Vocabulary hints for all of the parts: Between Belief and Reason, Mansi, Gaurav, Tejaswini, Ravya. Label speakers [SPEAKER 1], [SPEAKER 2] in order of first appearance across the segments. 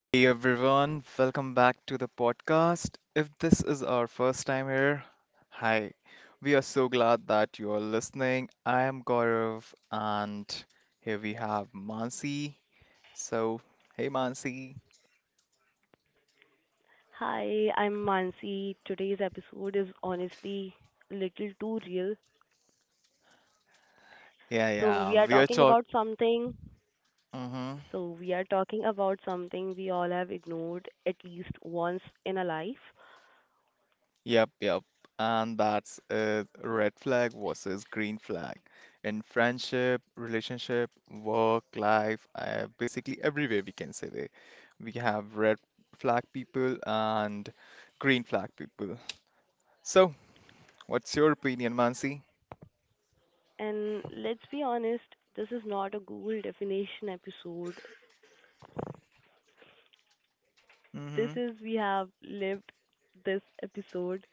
[SPEAKER 1] Hey everyone, welcome back to the podcast. If this is our first time here, hi. We are so glad that you are listening. I am Gaurav and here we have Mansi. So, hey Mansi.
[SPEAKER 2] Hi, I'm Mansi. Today's episode is honestly a little too real.
[SPEAKER 1] Yeah,
[SPEAKER 2] So,
[SPEAKER 1] yeah,
[SPEAKER 2] we are
[SPEAKER 1] we are
[SPEAKER 2] talking about something.
[SPEAKER 1] talking.
[SPEAKER 2] So, we are talking about something we all have ignored at least once in our life.
[SPEAKER 1] Yep, yep. And that's a red flag versus green flag in friendship, relationship, work, life, basically everywhere we can say that we have red flag people and green flag people. So, what's your opinion, Mansi?
[SPEAKER 2] And let's be honest, this is not a Google definition episode. This
[SPEAKER 1] Mm-hmm.
[SPEAKER 2] is we have lived this episode.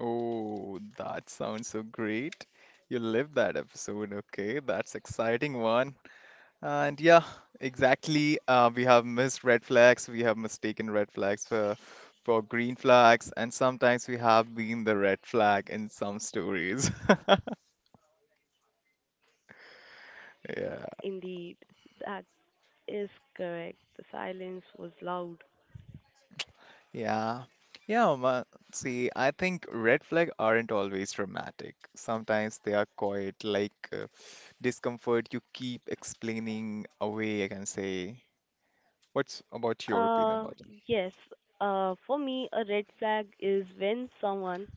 [SPEAKER 1] Oh, that sounds so great. You lived that episode. Okay, that's exciting one. And yeah, exactly. We have missed red flags. We have mistaken red flags for green flags, and sometimes we have been the red flag in some stories. Yeah.
[SPEAKER 2] Indeed, that is correct. The silence was loud.
[SPEAKER 1] Yeah. Yeah, ma see, I think red flag aren't always dramatic. Sometimes they are quite like discomfort you keep explaining away, I can say. What's about your opinion
[SPEAKER 2] Uh,
[SPEAKER 1] about
[SPEAKER 2] yes. For me, a red flag is when someone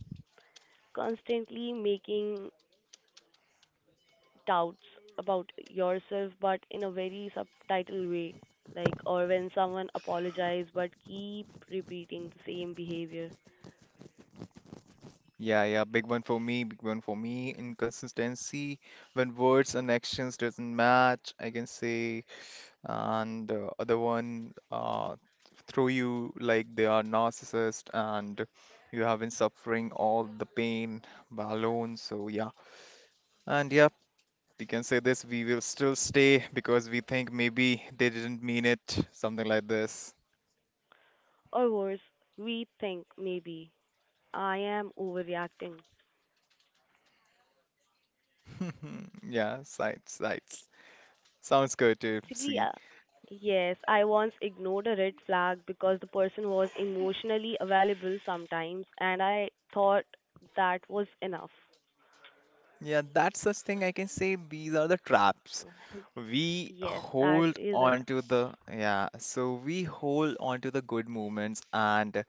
[SPEAKER 2] constantly making doubts about yourself, but in a very subtitle way, like or when someone apologizes but keep repeating the same behavior,
[SPEAKER 1] Yeah, yeah, big one for me, big one for me. Inconsistency when words and actions doesn't match, I can say, and other one throw you like they are narcissist and you have been suffering all the pain by alone. So yeah, and yeah, we can say this. We will still stay because we think maybe they didn't mean it, something like this.
[SPEAKER 2] or worse, we think maybe I am overreacting.
[SPEAKER 1] Yeah, sights, sights. Sounds good to
[SPEAKER 2] Basically,
[SPEAKER 1] see.
[SPEAKER 2] uh, yes, I once ignored a red flag because the person was emotionally available sometimes, and I thought that was enough.
[SPEAKER 1] Yeah, that's such thing I can say these are the traps. We
[SPEAKER 2] Yes, that
[SPEAKER 1] hold
[SPEAKER 2] is it.
[SPEAKER 1] on to the yeah, so we hold on to the good moments and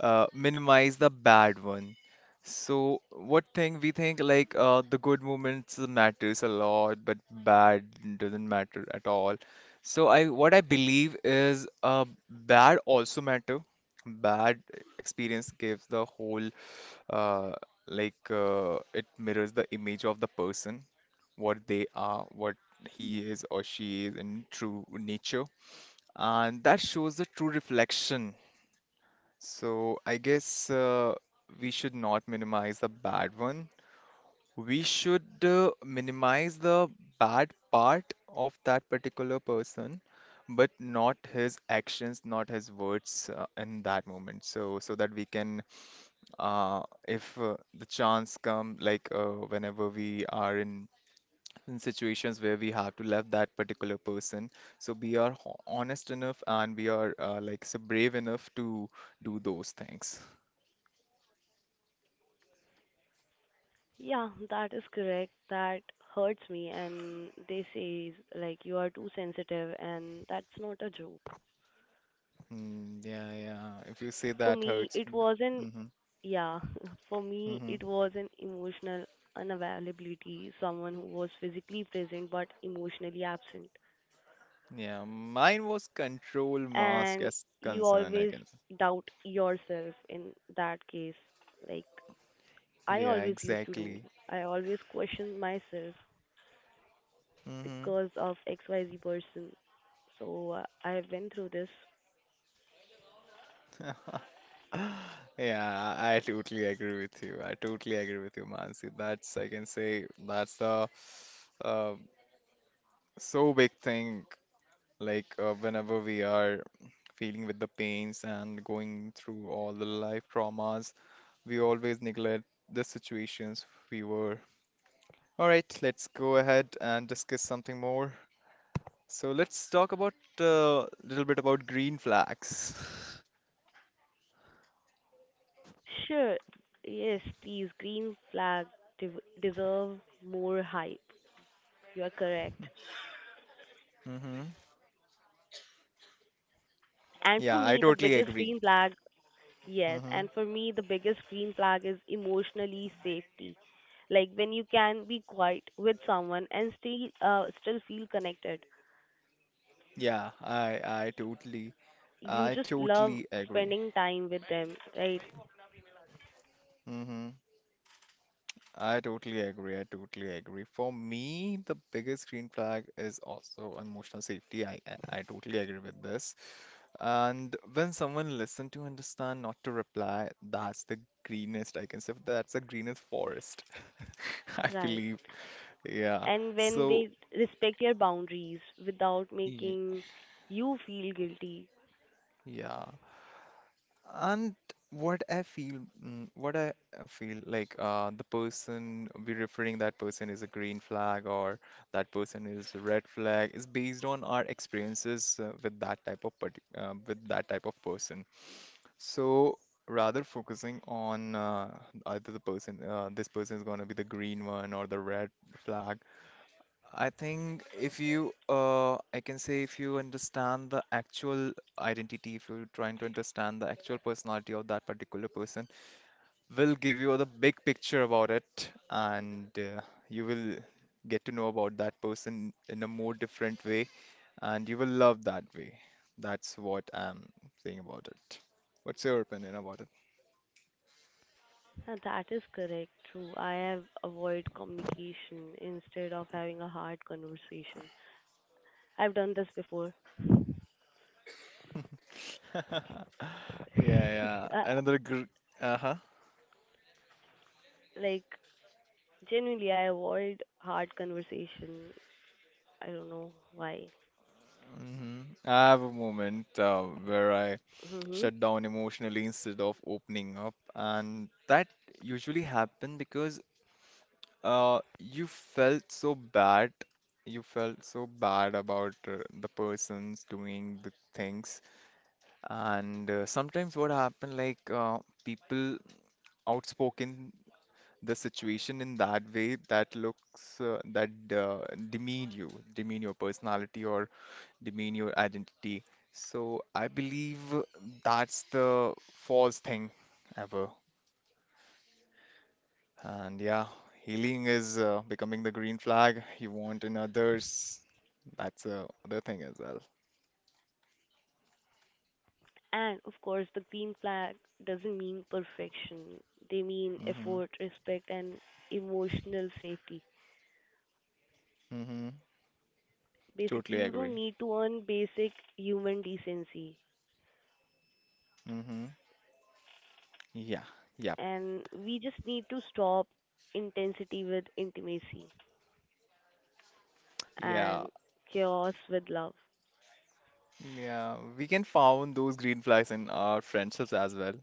[SPEAKER 1] minimize the bad one. So what thing we think like the good moments matters a lot, but bad doesn't matter at all. So I what I believe is bad also matter. Bad experience gives the whole uh, like it mirrors the image of the person, what they are, what he is or she is in true nature, and that shows the true reflection. So I guess we should not minimize the bad one. We should minimize the bad part of that particular person, but not his actions, not his words in that moment. So that we can if the chance come like whenever we are in situations where we have to love that particular person so we are honest enough and we are like so brave enough to do those things
[SPEAKER 2] Yeah, that is correct. That hurts me, and they say like you are too sensitive, and that's not a joke.
[SPEAKER 1] mm, yeah yeah if you say
[SPEAKER 2] For
[SPEAKER 1] that
[SPEAKER 2] me,
[SPEAKER 1] hurts
[SPEAKER 2] it wasn't.
[SPEAKER 1] mm-hmm,
[SPEAKER 2] Yeah, for me,
[SPEAKER 1] mm-hmm.
[SPEAKER 2] it was an emotional unavailability. Someone who was physically present but emotionally absent.
[SPEAKER 1] Yeah mine was control mask
[SPEAKER 2] And
[SPEAKER 1] as
[SPEAKER 2] you
[SPEAKER 1] concern I
[SPEAKER 2] always
[SPEAKER 1] can say
[SPEAKER 2] doubt yourself in that case. Like I
[SPEAKER 1] yeah
[SPEAKER 2] always used to do.
[SPEAKER 1] exactly
[SPEAKER 2] I always question myself
[SPEAKER 1] mm-hmm.
[SPEAKER 2] because of XYZ person. So I have been through this.
[SPEAKER 1] Yeah, I totally agree with you. I totally agree with you, Mansi. That's, I can say, that's the uh, so big thing. Like, whenever we are feeling with the pains and going through all the life traumas, we always neglect the situations we were. All right, let's go ahead and discuss something more. So, let's talk about a little bit about green flags.
[SPEAKER 2] Sure, yes, these green flag deserve more hype. You are correct.
[SPEAKER 1] Hmm.
[SPEAKER 2] And for
[SPEAKER 1] Yeah, I
[SPEAKER 2] me, the
[SPEAKER 1] totally
[SPEAKER 2] biggest
[SPEAKER 1] agree.
[SPEAKER 2] green flag Yes,
[SPEAKER 1] Hmm.
[SPEAKER 2] and for me, the biggest green flag is emotionally safety. Like when you can be quiet with someone and still feel connected.
[SPEAKER 1] Yeah, I totally
[SPEAKER 2] You
[SPEAKER 1] I
[SPEAKER 2] just love
[SPEAKER 1] totally agree.
[SPEAKER 2] spending time with them, right?
[SPEAKER 1] Hmm. I totally agree. I totally agree. For me, the biggest green flag is also emotional safety. I totally agree with this. And when someone listen to understand, not to reply, that's the greenest I can say. That's the greenest forest. I
[SPEAKER 2] Right.
[SPEAKER 1] believe. Yeah.
[SPEAKER 2] And when
[SPEAKER 1] So
[SPEAKER 2] they respect your boundaries without
[SPEAKER 1] y-
[SPEAKER 2] making you feel guilty.
[SPEAKER 1] yeah. And what I feel, mm, what I feel like the person we're referring that person is a green flag or that person is a red flag is based on our experiences with that type of parti with that type of person. So rather focusing on either the person, this person is going to be the green one or the red flag I think if you, I can say if you understand the actual identity, if you're trying to understand the actual personality of that particular person, will give you the big picture about it, and you will get to know about that person in a more different way, and you will love that way. That's what I'm saying about it. What's your opinion about
[SPEAKER 2] That is correct, true. I have avoid communication instead of having a hard conversation. I've done this before.
[SPEAKER 1] it? Yeah, yeah.
[SPEAKER 2] Uh,
[SPEAKER 1] Another gr uh-huh.
[SPEAKER 2] like Genuinely, I avoid hard conversation. I don't know why.
[SPEAKER 1] Hmm. I have a moment where I
[SPEAKER 2] hmm
[SPEAKER 1] shut down emotionally instead of opening up. And that usually happened because you felt so bad. You felt so bad about the persons doing the things. And sometimes what happened, like people outspoken the situation in that way that looks that uh, demean you, demean your personality or demean your identity. So I believe that's the false thing ever. And yeah, healing is becoming the green flag you want in others. That's the other thing as well.
[SPEAKER 2] And of course, the green flag doesn't mean perfection. They mean
[SPEAKER 1] Mm-hmm.
[SPEAKER 2] effort, respect, and emotional safety.
[SPEAKER 1] Mm-hmm.
[SPEAKER 2] Basically,
[SPEAKER 1] Totally
[SPEAKER 2] you don't
[SPEAKER 1] agree.
[SPEAKER 2] need to earn basic human decency.
[SPEAKER 1] Mm-hmm. Yeah. Yep.
[SPEAKER 2] And we just need to stop intensity with intimacy
[SPEAKER 1] Yeah.
[SPEAKER 2] and chaos with love.
[SPEAKER 1] Yeah. We can found those green flags in our friendships as well.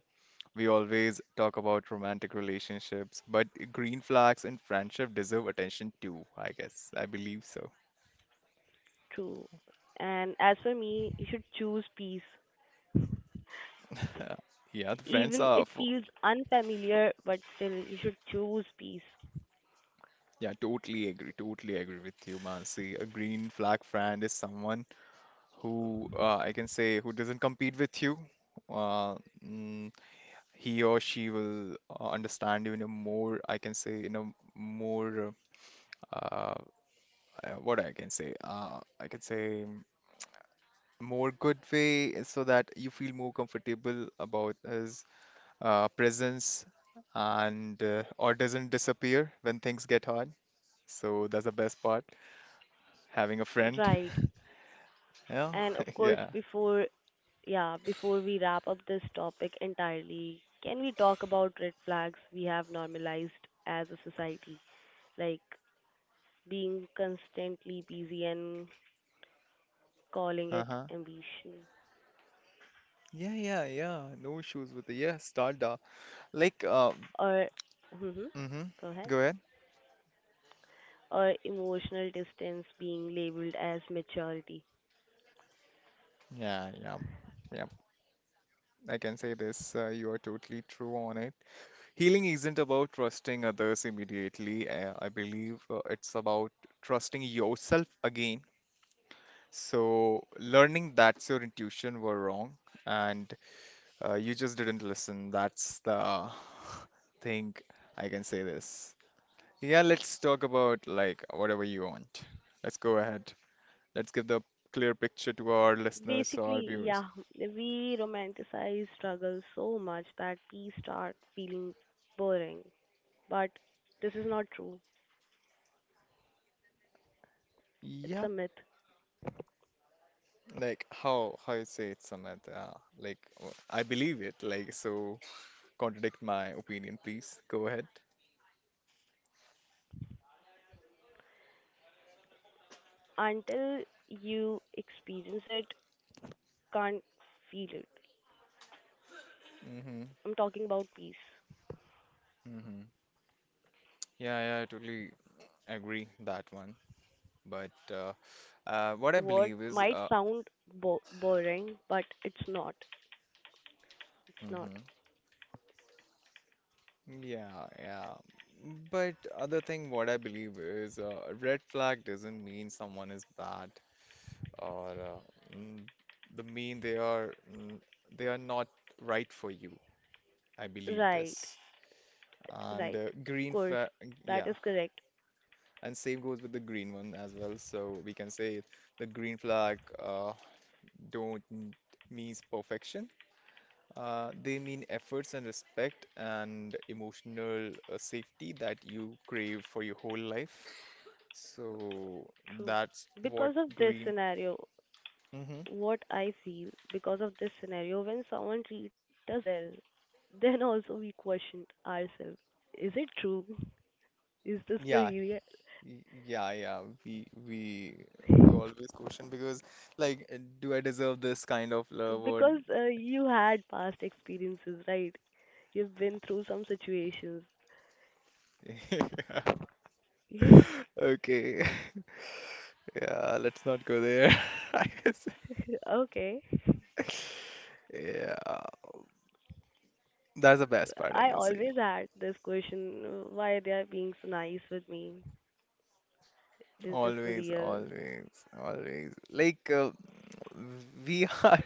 [SPEAKER 1] We always talk about romantic relationships, but green flags in friendship deserve attention too, I guess. I believe so.
[SPEAKER 2] True. And as for me, you should choose peace.
[SPEAKER 1] Uh, Yeah, the friends
[SPEAKER 2] Even
[SPEAKER 1] are
[SPEAKER 2] it
[SPEAKER 1] for.
[SPEAKER 2] feels unfamiliar, but still you should choose peace.
[SPEAKER 1] Yeah, totally agree. Totally agree with you, Mansi. A green flag friend is someone who I can say who doesn't compete with you. Uh, mm, he or she will understand you in a more, I can say, in a more, uh, what I can say mm, more good way so that you feel more comfortable about his presence and or doesn't disappear when things get hard. So that's the best part, having a friend.
[SPEAKER 2] Right.
[SPEAKER 1] Yeah,
[SPEAKER 2] And of course,
[SPEAKER 1] yeah.
[SPEAKER 2] before we wrap up this topic entirely, can we talk about red flags we have normalized as a society, like being constantly busy and calling it
[SPEAKER 1] Uh-huh.
[SPEAKER 2] ambition,
[SPEAKER 1] Yeah, yeah, yeah. No issues with the yeah, Stardust. Like,
[SPEAKER 2] or hmm
[SPEAKER 1] mm-hmm.
[SPEAKER 2] go ahead,
[SPEAKER 1] Go ahead.
[SPEAKER 2] or emotional distance being labeled as maturity?
[SPEAKER 1] Yeah, yeah, yeah. I can say this. You are totally true on it. Healing isn't about trusting others immediately. I believe it's about trusting yourself again. So learning that your intuition were wrong and you just didn't listen. That's the thing. I can say this. Yeah, let's talk about like whatever you want. Let's go ahead. Let's give the clear picture to our listeners or our
[SPEAKER 2] Basically,
[SPEAKER 1] viewers.
[SPEAKER 2] yeah, we romanticize struggle so much that we start feeling boring. But this is not true. It's a
[SPEAKER 1] Yep.
[SPEAKER 2] myth.
[SPEAKER 1] Like how you say it, Samad? Like I believe it. Like so, contradict my opinion, please. Go ahead.
[SPEAKER 2] Until you experience it, can't feel it.
[SPEAKER 1] Mm-hmm.
[SPEAKER 2] I'm talking about peace.
[SPEAKER 1] Mm-hmm. Yeah, yeah, I totally agree that one. But what
[SPEAKER 2] The
[SPEAKER 1] I
[SPEAKER 2] word
[SPEAKER 1] believe is,
[SPEAKER 2] might sound bo- boring, but it's not. It's not.
[SPEAKER 1] hmm. Yeah, yeah. But other thing, what I believe is, a red flag doesn't mean someone is bad. Or mm, the mean they are mm, they are not right for you. I believe this.
[SPEAKER 2] Right,
[SPEAKER 1] And
[SPEAKER 2] right. Of
[SPEAKER 1] green
[SPEAKER 2] course,
[SPEAKER 1] flag,
[SPEAKER 2] that
[SPEAKER 1] yeah,
[SPEAKER 2] is correct.
[SPEAKER 1] and same goes with the green one as well. So we can say the green flag don't n- means perfection. They mean efforts and respect and emotional safety that you crave for your whole life. So
[SPEAKER 2] True.
[SPEAKER 1] that's what
[SPEAKER 2] Because of this
[SPEAKER 1] green.
[SPEAKER 2] scenario,
[SPEAKER 1] Hmm.
[SPEAKER 2] what I feel because of this scenario when someone treat us well, then also we question ourselves. Is it true? Is this for
[SPEAKER 1] Yeah,
[SPEAKER 2] real?
[SPEAKER 1] Yeah, yeah, we always question because like, do I deserve this kind of love or
[SPEAKER 2] Because you had past experiences, right? You've been through some situations.
[SPEAKER 1] Okay, yeah, let's not go there. I
[SPEAKER 2] okay.
[SPEAKER 1] guess. Yeah, that's the best part I
[SPEAKER 2] I
[SPEAKER 1] can say.
[SPEAKER 2] always had this question, why they are being so nice with me? Is this for
[SPEAKER 1] Always,
[SPEAKER 2] real?
[SPEAKER 1] always, always. Like we are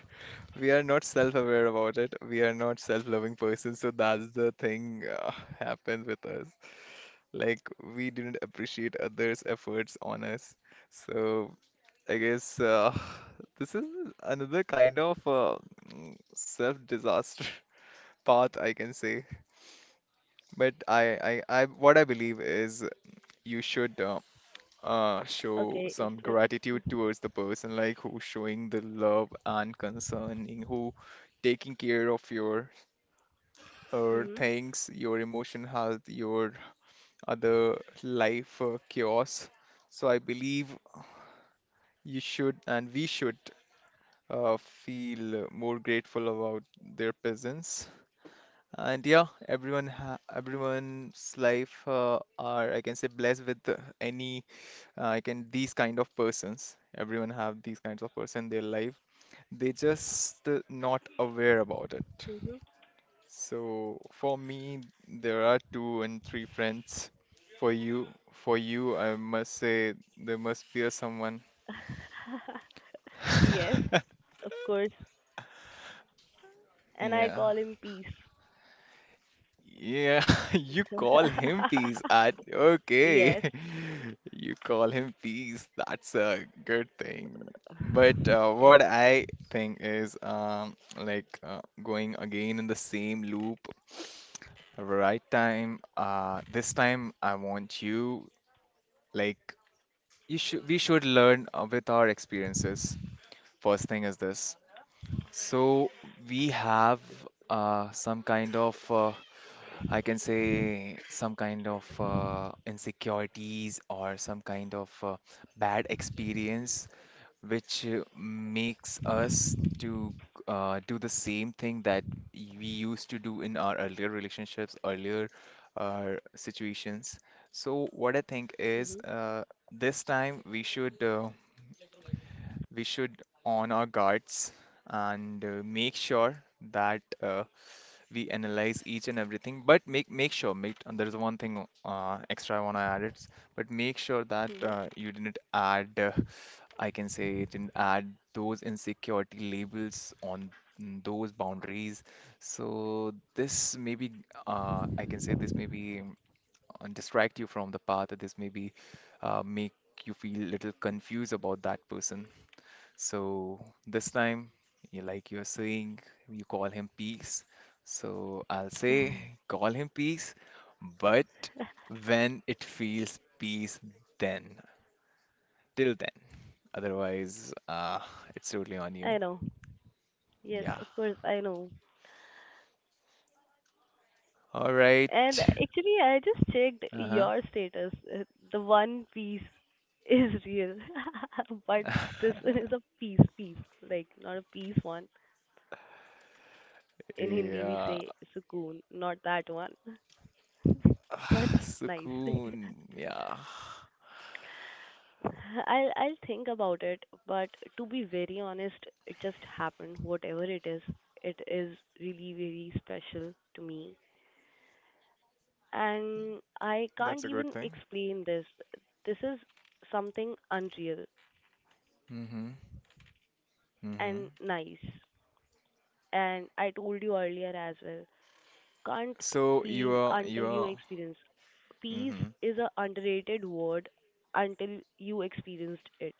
[SPEAKER 1] we are not self-aware about it. We are not self-loving persons, so that's the thing happens with us. Like we didn't appreciate others' efforts on us. So I guess this is another kind of self-disaster path, I can say. But what I believe is you should show
[SPEAKER 2] Okay. It's,
[SPEAKER 1] some
[SPEAKER 2] It,
[SPEAKER 1] gratitude towards the person, like who's showing the love and concerning, who taking care of your
[SPEAKER 2] hmm
[SPEAKER 1] things, your emotion health, your other life chaos. So I believe You should, and we should feel more grateful about their presence. And yeah, everyone's life are, I can say, blessed with I can these kind of persons. Everyone have these kinds of person in their life. They just not aware about it.
[SPEAKER 2] hmm
[SPEAKER 1] So for me, there are two and three friends. For you, I must say there must be a someone.
[SPEAKER 2] yes, of course. And I
[SPEAKER 1] Yeah.
[SPEAKER 2] call him Peace.
[SPEAKER 1] Yeah, you call him peace. I, okay.
[SPEAKER 2] Yes,
[SPEAKER 1] You call him peace. That's a good thing. But
[SPEAKER 2] yes.
[SPEAKER 1] what I think is like going again in the same loop, right time. This time I want you like you should we should learn with our experiences. First thing is this. So we have some kind of I can say some kind of insecurities or some kind of bad experience, which makes us to do the same thing that we used to do in our earlier relationships, earlier situations. So what I think is
[SPEAKER 2] Mhm.
[SPEAKER 1] this time we should on our guards and make sure that we analyze each and everything, but make make sure make and there is one thing extra I want to add it. But make sure that
[SPEAKER 2] Mhm.
[SPEAKER 1] you didn't add I can say you didn't add those insecurity labels on those boundaries. So this maybe I can say this maybe distract you from the path. This maybe make you feel a little confused about that person. So this time, you like you're saying, you call him Peace. So I'll say, call him Peace, but when it feels peace, then till then. Otherwise, it's totally on you.
[SPEAKER 2] I know. Yes,
[SPEAKER 1] Yeah.
[SPEAKER 2] of course, I know.
[SPEAKER 1] All right.
[SPEAKER 2] And actually, I just checked
[SPEAKER 1] Uh-huh.
[SPEAKER 2] your status. The one piece is real, but this one is a piece, piece, like not a piece one. In Hindi, we
[SPEAKER 1] Yeah.
[SPEAKER 2] say sukoon, not that one, but nice.
[SPEAKER 1] Sukoon. Yeah.
[SPEAKER 2] I'll think about it, but to be very honest, it just happened. Whatever it is really very special to me, and I can't
[SPEAKER 1] That's a good
[SPEAKER 2] even
[SPEAKER 1] thing.
[SPEAKER 2] explain this. This is something unreal
[SPEAKER 1] Mm-hmm. Mm-hmm.
[SPEAKER 2] and nice, and I told you earlier as well. Can't
[SPEAKER 1] So you
[SPEAKER 2] feel
[SPEAKER 1] are
[SPEAKER 2] until
[SPEAKER 1] you
[SPEAKER 2] you
[SPEAKER 1] are.
[SPEAKER 2] experience. Peace
[SPEAKER 1] Mm-hmm.
[SPEAKER 2] is a underrated word until you experienced it.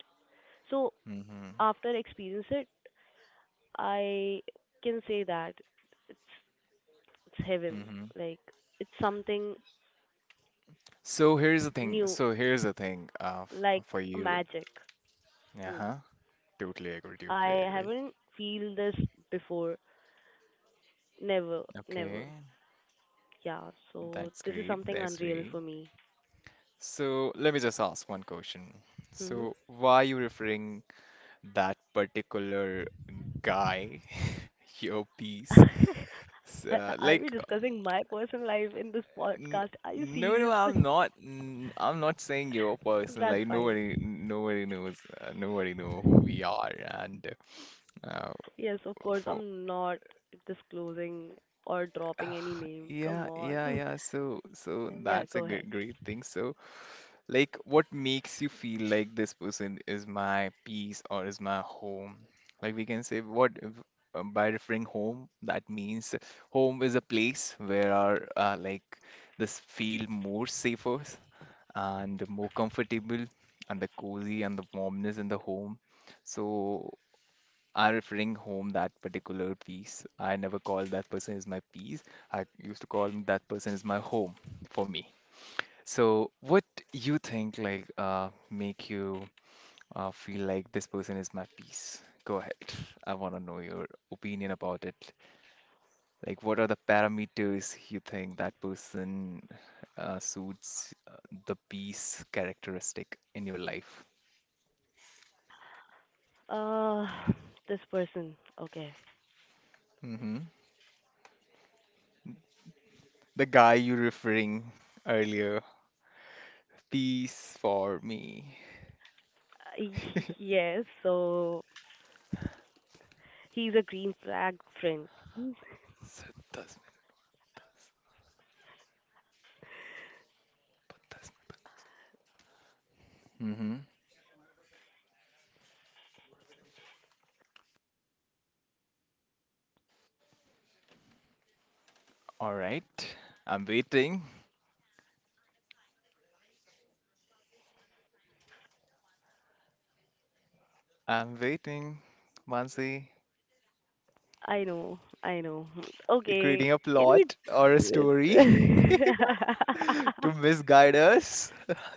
[SPEAKER 2] So
[SPEAKER 1] Mm-hmm.
[SPEAKER 2] after experience it, I can say that it's, it's heaven.
[SPEAKER 1] Mm-hmm.
[SPEAKER 2] Like it's something
[SPEAKER 1] So here's the thing.
[SPEAKER 2] new,
[SPEAKER 1] So here's the thing.
[SPEAKER 2] like
[SPEAKER 1] For you.
[SPEAKER 2] magic. Hmm.
[SPEAKER 1] Uh-huh. Totally agree. Totally
[SPEAKER 2] I
[SPEAKER 1] agree.
[SPEAKER 2] haven't feel this before. Never, never.
[SPEAKER 1] Okay.
[SPEAKER 2] Yeah. So
[SPEAKER 1] That's
[SPEAKER 2] this is
[SPEAKER 1] great.
[SPEAKER 2] something
[SPEAKER 1] That's
[SPEAKER 2] unreal
[SPEAKER 1] great.
[SPEAKER 2] for me.
[SPEAKER 1] So let me just ask one question.
[SPEAKER 2] Hmm.
[SPEAKER 1] So why are you referring that particular guy, your piece?
[SPEAKER 2] Are we
[SPEAKER 1] Like,
[SPEAKER 2] discussing my personal life in this
[SPEAKER 1] n
[SPEAKER 2] podcast? Are you
[SPEAKER 1] no, no,
[SPEAKER 2] serious?
[SPEAKER 1] I'm not. I'm not saying your person.
[SPEAKER 2] That's
[SPEAKER 1] Like
[SPEAKER 2] fine.
[SPEAKER 1] nobody knows. Nobody know who we are and uh,
[SPEAKER 2] Yes, of course.
[SPEAKER 1] for.
[SPEAKER 2] I'm not disclosing or dropping any name. Come
[SPEAKER 1] Yeah, yeah,
[SPEAKER 2] on.
[SPEAKER 1] yeah. So,
[SPEAKER 2] Yeah,
[SPEAKER 1] that's a
[SPEAKER 2] go ahead.
[SPEAKER 1] good, great thing. So, like, what makes you feel like this person is my peace or is my home? Like, we can say what if- by referring home, that means home is a place where our like this feel more safer and more comfortable and the cozy and the warmness in the home. So I'm referring home that particular piece. I never called that person as my piece. I used to call that person as my home for me. So, what you think like make you feel like this person is my piece? Go ahead. I want to know your opinion about it. Like, what are the parameters you think that person suits the piece characteristic in your life?
[SPEAKER 2] Uh, this person. Okay.
[SPEAKER 1] Hmm. The guy you referring earlier, peace for me.
[SPEAKER 2] Uh, yes. So he's a green flag friend.
[SPEAKER 1] Mm-hmm. All right. I'm waiting. I'm waiting. Mansi,
[SPEAKER 2] I know. I know.
[SPEAKER 1] you're
[SPEAKER 2] Okay.
[SPEAKER 1] creating a
[SPEAKER 2] Can we?
[SPEAKER 1] plot or a
[SPEAKER 2] Do it?
[SPEAKER 1] story to misguide us.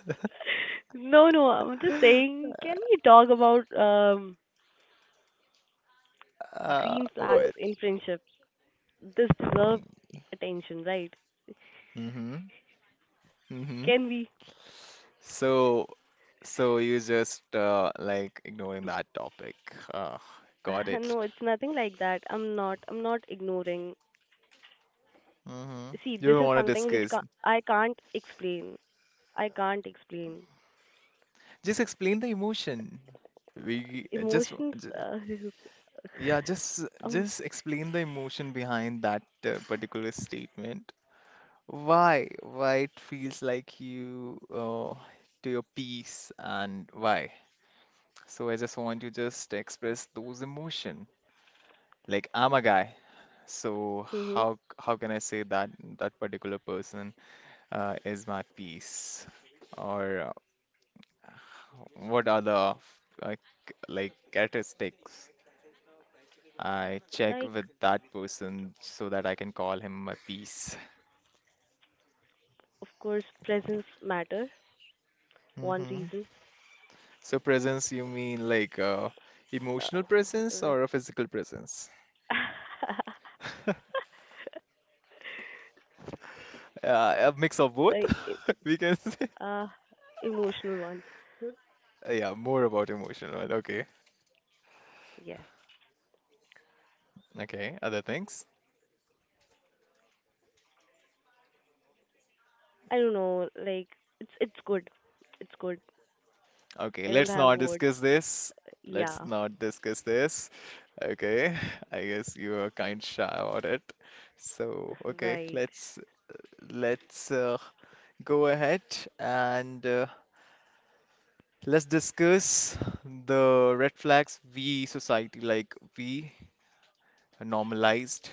[SPEAKER 2] No, no. I'm just saying. Can we talk about green flags
[SPEAKER 1] What?
[SPEAKER 2] in friendships? This deserves attention, right?
[SPEAKER 1] Mm-hmm. Mm-hmm.
[SPEAKER 2] Can we?
[SPEAKER 1] So, so, you just like ignoring that topic. Uh, got it.
[SPEAKER 2] No, it's nothing like that. I'm not ignoring.
[SPEAKER 1] Mm-hmm.
[SPEAKER 2] See,
[SPEAKER 1] You
[SPEAKER 2] this
[SPEAKER 1] don't
[SPEAKER 2] is
[SPEAKER 1] want to
[SPEAKER 2] something which
[SPEAKER 1] discuss.
[SPEAKER 2] I can't explain. I can't explain.
[SPEAKER 1] Just explain the emotion. We just,
[SPEAKER 2] Emotions,
[SPEAKER 1] yeah, just
[SPEAKER 2] um,
[SPEAKER 1] just explain the emotion behind that particular statement. Why? Why it feels like you do your piece and why? So I just want to just express those emotion. Like I'm a guy, so
[SPEAKER 2] mhm.
[SPEAKER 1] how can I say that that particular person is my piece? Or what are the uh, like characteristics I check
[SPEAKER 2] Like,
[SPEAKER 1] with that person so that I can call him my piece?
[SPEAKER 2] of course, presence matter. One
[SPEAKER 1] Hmm.
[SPEAKER 2] reason,
[SPEAKER 1] So presence, you mean like
[SPEAKER 2] uh,
[SPEAKER 1] emotional presence
[SPEAKER 2] like,
[SPEAKER 1] or a physical presence? A mix of both,
[SPEAKER 2] the e-
[SPEAKER 1] we can say.
[SPEAKER 2] uh, emotional one.
[SPEAKER 1] Yeah, more about emotional one. Okay.
[SPEAKER 2] Yes,
[SPEAKER 1] Okay, other things.
[SPEAKER 2] I don't know. Like, it's good. It's good.
[SPEAKER 1] Okay,
[SPEAKER 2] I don't
[SPEAKER 1] let's
[SPEAKER 2] have
[SPEAKER 1] not
[SPEAKER 2] words.
[SPEAKER 1] discuss this. Let's
[SPEAKER 2] Yeah,
[SPEAKER 1] not discuss this. Okay, I guess you are kind shy about it. So, okay,
[SPEAKER 2] right.
[SPEAKER 1] let's go ahead and let's discuss the red flags we society, like we normalized.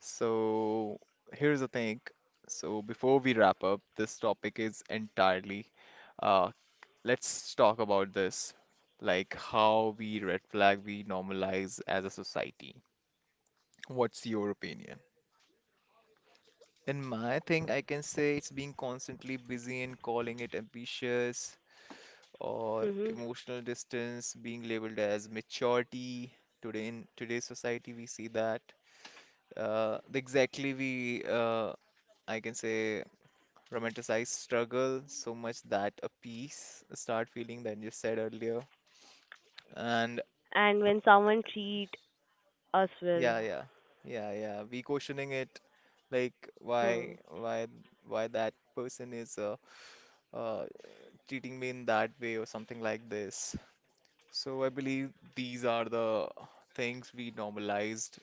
[SPEAKER 1] So here's the thing. So before we wrap up, this topic is entirely, uh, let's talk about this, like how we red flag we normalize as a society. What's your opinion? In my thing, I can say it's being constantly busy and calling it ambitious, or
[SPEAKER 2] hmm
[SPEAKER 1] emotional distance being labeled as maturity. Today in today's society, we see that exactly we I can say romanticize struggle so much that a piece start feeling than you said earlier. And
[SPEAKER 2] And when someone treat us well,
[SPEAKER 1] yeah, yeah, yeah, yeah, we questioning it, like why,
[SPEAKER 2] hmm,
[SPEAKER 1] why, why that person is uh, treating me in that way or something like this. So I believe these are the things we normalized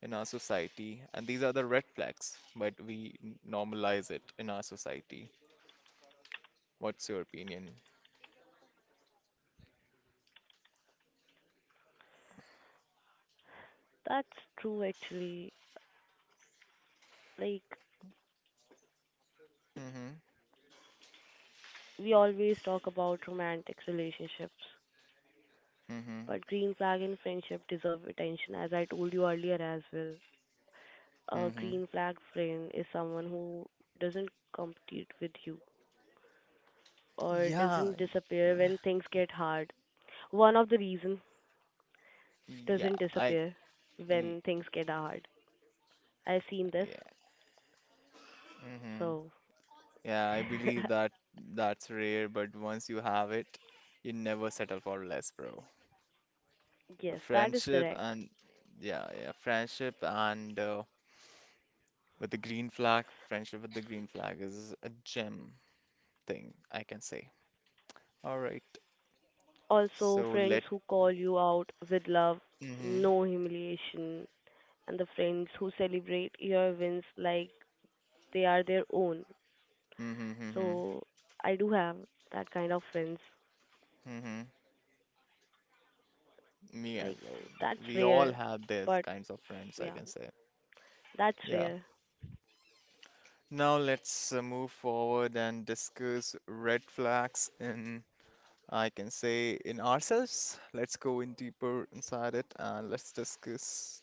[SPEAKER 1] in our society, and these are the red flags, but we normalize it in our society. What's your opinion?
[SPEAKER 2] that's true actually. Like,
[SPEAKER 1] Mm-hmm.
[SPEAKER 2] we always talk about romantic relationships,
[SPEAKER 1] Mm-hmm.
[SPEAKER 2] but green flag and friendship deserve attention, as I told you earlier as well. A
[SPEAKER 1] Mm-hmm.
[SPEAKER 2] green flag friend is someone who doesn't compete with you or
[SPEAKER 1] Yeah.
[SPEAKER 2] doesn't disappear
[SPEAKER 1] Yeah.
[SPEAKER 2] when things get hard. One of the reason
[SPEAKER 1] Yeah.
[SPEAKER 2] doesn't
[SPEAKER 1] I.
[SPEAKER 2] disappear
[SPEAKER 1] y-
[SPEAKER 2] when things get hard. I've seen this,
[SPEAKER 1] Yeah. Mm-hmm.
[SPEAKER 2] so
[SPEAKER 1] Yeah. I believe that that's rare, but once you have it, you never settle for less, bro. The
[SPEAKER 2] yes, that is
[SPEAKER 1] friendship
[SPEAKER 2] correct.
[SPEAKER 1] and yeah, yeah, friendship and with the green flag, friendship with the green flag is a gem thing, I can say. All right,
[SPEAKER 2] Also,
[SPEAKER 1] so
[SPEAKER 2] friends
[SPEAKER 1] let.
[SPEAKER 2] who call you out with love,
[SPEAKER 1] Mm-hmm,
[SPEAKER 2] no humiliation, and the friends who celebrate your wins like they are their own.
[SPEAKER 1] mm-hmm, mm-hmm,
[SPEAKER 2] So I do have that kind of friends.
[SPEAKER 1] mm-hmm. Me as
[SPEAKER 2] Like
[SPEAKER 1] well.
[SPEAKER 2] that's
[SPEAKER 1] We all
[SPEAKER 2] rare,
[SPEAKER 1] have these
[SPEAKER 2] but
[SPEAKER 1] kinds of friends, I
[SPEAKER 2] yeah,
[SPEAKER 1] can say.
[SPEAKER 2] that's
[SPEAKER 1] Yeah.
[SPEAKER 2] rare.
[SPEAKER 1] Now let's move forward and discuss red flags in, I can say, in ourselves. Let's go in deeper inside it and let's discuss.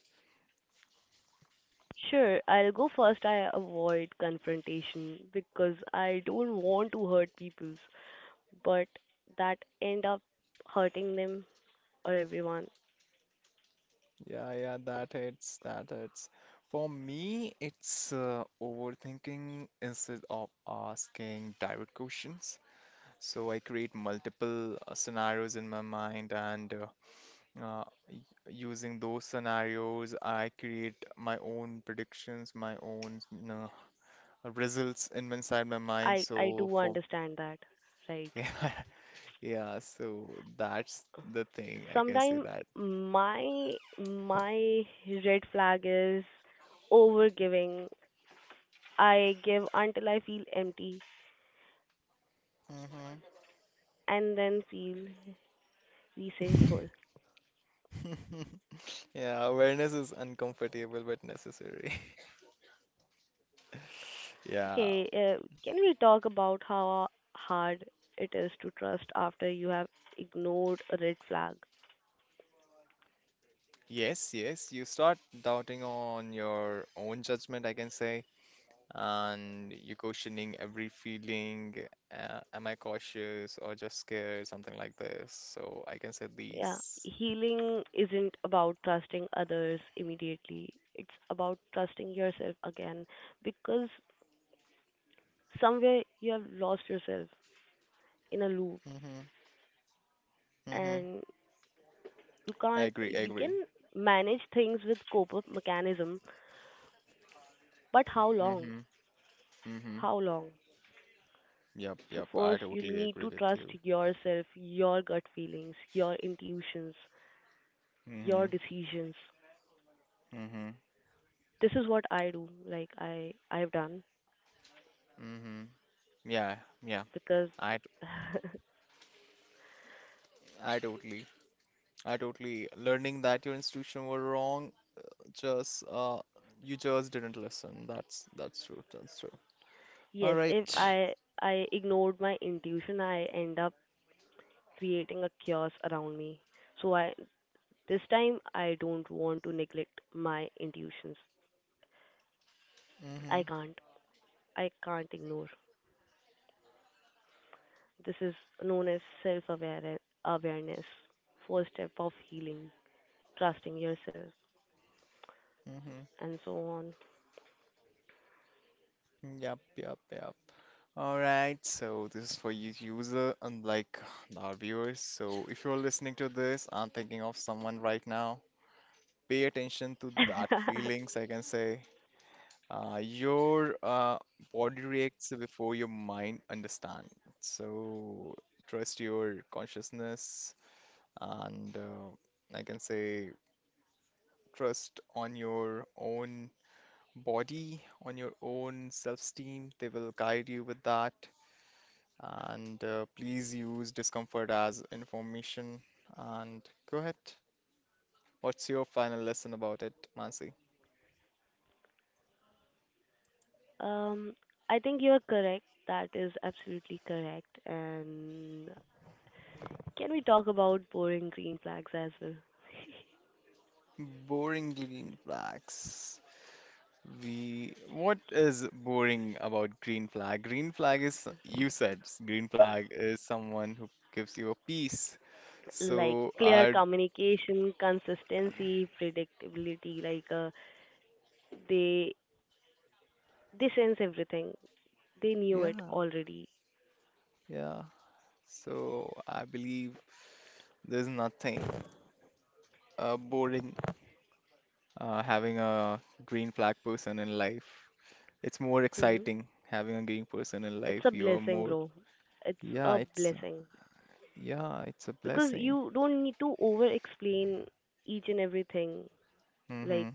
[SPEAKER 2] Sure, I'll go first. I avoid confrontation because I don't want to hurt people, but that end up hurting them or everyone.
[SPEAKER 1] Yeah, yeah, that hits, that hits. For me, it's overthinking instead of asking direct questions. So I create multiple scenarios in my mind, and uh, y- using those scenarios, I create my own predictions, my own results in inside my mind.
[SPEAKER 2] I
[SPEAKER 1] So
[SPEAKER 2] do
[SPEAKER 1] for
[SPEAKER 2] understand that, right?
[SPEAKER 1] yeah, yeah, so that's the thing I can say
[SPEAKER 2] Sometimes
[SPEAKER 1] that.
[SPEAKER 2] my red flag is over giving. I give until I feel empty and then feel resentful.
[SPEAKER 1] Hmm. Yeah, awareness is uncomfortable but necessary. Yeah.
[SPEAKER 2] Okay, can we talk about how hard it is to trust after you have ignored a red flag?
[SPEAKER 1] Yes, yes. You start doubting on your own judgment, I can say, and you questioning every feeling. Am I cautious or just scared? Something like this. So I can say
[SPEAKER 2] Yeah,
[SPEAKER 1] these.
[SPEAKER 2] healing isn't about trusting others immediately. It's about trusting yourself again because somewhere you have lost yourself in a loop
[SPEAKER 1] Mm-hmm. Mm-hmm.
[SPEAKER 2] and you
[SPEAKER 1] I
[SPEAKER 2] can't
[SPEAKER 1] agree, I
[SPEAKER 2] you can
[SPEAKER 1] agree.
[SPEAKER 2] manage things with cope up mechanism but how long,
[SPEAKER 1] Mm-hmm. Mm-hmm.
[SPEAKER 2] how long.
[SPEAKER 1] Yep,
[SPEAKER 2] So
[SPEAKER 1] yep. I
[SPEAKER 2] first you'll
[SPEAKER 1] totally
[SPEAKER 2] need
[SPEAKER 1] agree
[SPEAKER 2] to
[SPEAKER 1] with
[SPEAKER 2] trust
[SPEAKER 1] you.
[SPEAKER 2] yourself, your gut feelings, your intuitions,
[SPEAKER 1] Mm-hmm.
[SPEAKER 2] your decisions.
[SPEAKER 1] Mm-hmm.
[SPEAKER 2] This is what I do, like I've done
[SPEAKER 1] Mm-hmm. Yeah, yeah.
[SPEAKER 2] because
[SPEAKER 1] I t- I totally I totally learning that your institution were wrong, just you just didn't listen. That's true, that's true. All
[SPEAKER 2] yes. If
[SPEAKER 1] right.
[SPEAKER 2] I ignored my intuition I end up creating a chaos around me, so I this time I don't want to neglect my intuitions. i
[SPEAKER 1] Mm-hmm.
[SPEAKER 2] can't I can't ignore. This is known as self awareness, first step of healing, trusting yourself,
[SPEAKER 1] Mm-hmm.
[SPEAKER 2] and so on.
[SPEAKER 1] Yep, yep, yep. All right, so this is for you user and like our viewers. So if you're listening to this and thinking of someone right now, pay attention to that feelings, I can say. Your body reacts before your mind understands. So trust your consciousness and I can say trust on your own body, on your own self-esteem. They will guide you with that. And please use discomfort as information. And go ahead. What's your final lesson about it, Mansi?
[SPEAKER 2] um, I think you're correct. That is absolutely correct. And can we talk about boring green flags as well?
[SPEAKER 1] Boring green flags. We, what is boring about green flag? Green flag is, you said, green flag is someone who gives you a peace.
[SPEAKER 2] Like
[SPEAKER 1] So,
[SPEAKER 2] clear
[SPEAKER 1] are
[SPEAKER 2] communication, consistency, predictability. They they sense everything. They knew it
[SPEAKER 1] yeah,
[SPEAKER 2] already.
[SPEAKER 1] yeah, so I believe there's nothing boring having a green flag person in life. It's more
[SPEAKER 2] hmm
[SPEAKER 1] exciting having a green person in
[SPEAKER 2] It's
[SPEAKER 1] life.
[SPEAKER 2] a
[SPEAKER 1] You're
[SPEAKER 2] blessing,
[SPEAKER 1] more,
[SPEAKER 2] bro. It's
[SPEAKER 1] yeah,
[SPEAKER 2] a
[SPEAKER 1] it's
[SPEAKER 2] blessing
[SPEAKER 1] yeah, it's a
[SPEAKER 2] because
[SPEAKER 1] blessing.
[SPEAKER 2] you don't need to over explain each and everything,
[SPEAKER 1] Mm-hmm.
[SPEAKER 2] like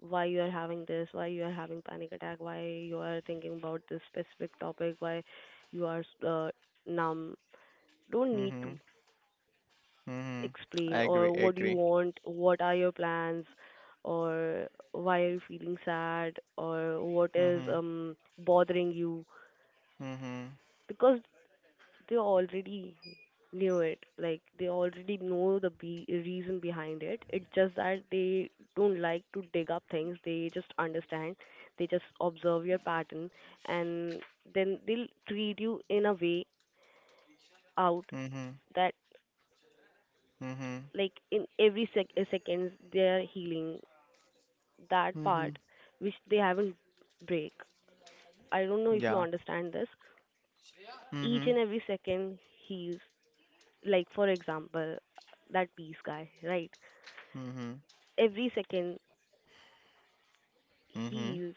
[SPEAKER 2] why you are having this, why you are having panic attack, why you are thinking about this specific topic, why you are numb. Don't need to
[SPEAKER 1] Mm-hmm. Mm-hmm. I
[SPEAKER 2] explain,
[SPEAKER 1] agree.
[SPEAKER 2] or
[SPEAKER 1] I
[SPEAKER 2] what do you
[SPEAKER 1] agree.
[SPEAKER 2] want, what are your plans, or why are you feeling sad, or what is
[SPEAKER 1] Mm-hmm.
[SPEAKER 2] bothering you
[SPEAKER 1] Mm-hmm.
[SPEAKER 2] because they already knew it. Like they already know the reason behind it. It's just that they don't like to dig up things. They just understand. They just observe your pattern, and then they'll treat you in a way out
[SPEAKER 1] Mm-hmm.
[SPEAKER 2] that,
[SPEAKER 1] Mm-hmm.
[SPEAKER 2] like in every seconds they're healing that
[SPEAKER 1] Mm-hmm.
[SPEAKER 2] part which they haven't break. I don't know if you
[SPEAKER 1] Yeah.
[SPEAKER 2] understand this. Each
[SPEAKER 1] Mm-hmm.
[SPEAKER 2] and every second he's, like, for example, that peace guy, right?
[SPEAKER 1] Mm-hmm.
[SPEAKER 2] Every second
[SPEAKER 1] Mm-hmm.
[SPEAKER 2] heals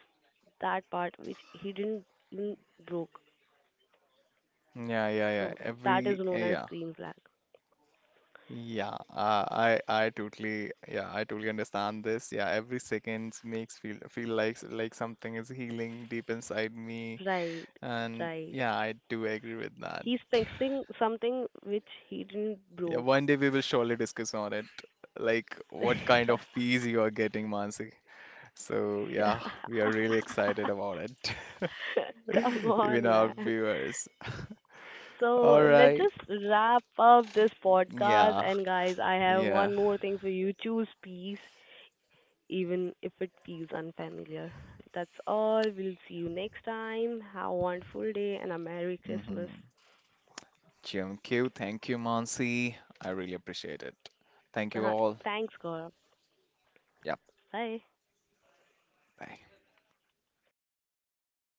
[SPEAKER 2] that part which he didn't even broke.
[SPEAKER 1] Yeah, yeah, yeah.
[SPEAKER 2] So that is
[SPEAKER 1] Every,
[SPEAKER 2] known as
[SPEAKER 1] yeah.
[SPEAKER 2] green flag.
[SPEAKER 1] Yeah, I totally yeah I totally understand this. Yeah, every second makes feel like something is healing deep inside me,
[SPEAKER 2] Right,
[SPEAKER 1] and
[SPEAKER 2] right.
[SPEAKER 1] yeah, I do agree with that.
[SPEAKER 2] He's fixing something which he didn't
[SPEAKER 1] Yeah,
[SPEAKER 2] broke.
[SPEAKER 1] one day we will surely discuss on it, like what kind of peace you are getting, Mansi. So yeah, we are really excited about it,
[SPEAKER 2] Come on,
[SPEAKER 1] even our
[SPEAKER 2] man.
[SPEAKER 1] viewers.
[SPEAKER 2] So
[SPEAKER 1] All
[SPEAKER 2] let's
[SPEAKER 1] right.
[SPEAKER 2] just wrap up this podcast.
[SPEAKER 1] Yeah,
[SPEAKER 2] And guys, I have
[SPEAKER 1] yeah.
[SPEAKER 2] one more thing for you. Choose peace. Even if it feels unfamiliar. That's all. We'll see you next time. Have a wonderful day and a Merry Christmas.
[SPEAKER 1] Hmm. Thank you. Thank you, Mansi. I really appreciate it. Thank you
[SPEAKER 2] Uh,
[SPEAKER 1] all.
[SPEAKER 2] Thanks, Gaurav.
[SPEAKER 1] Yep.
[SPEAKER 2] Bye.
[SPEAKER 1] Bye.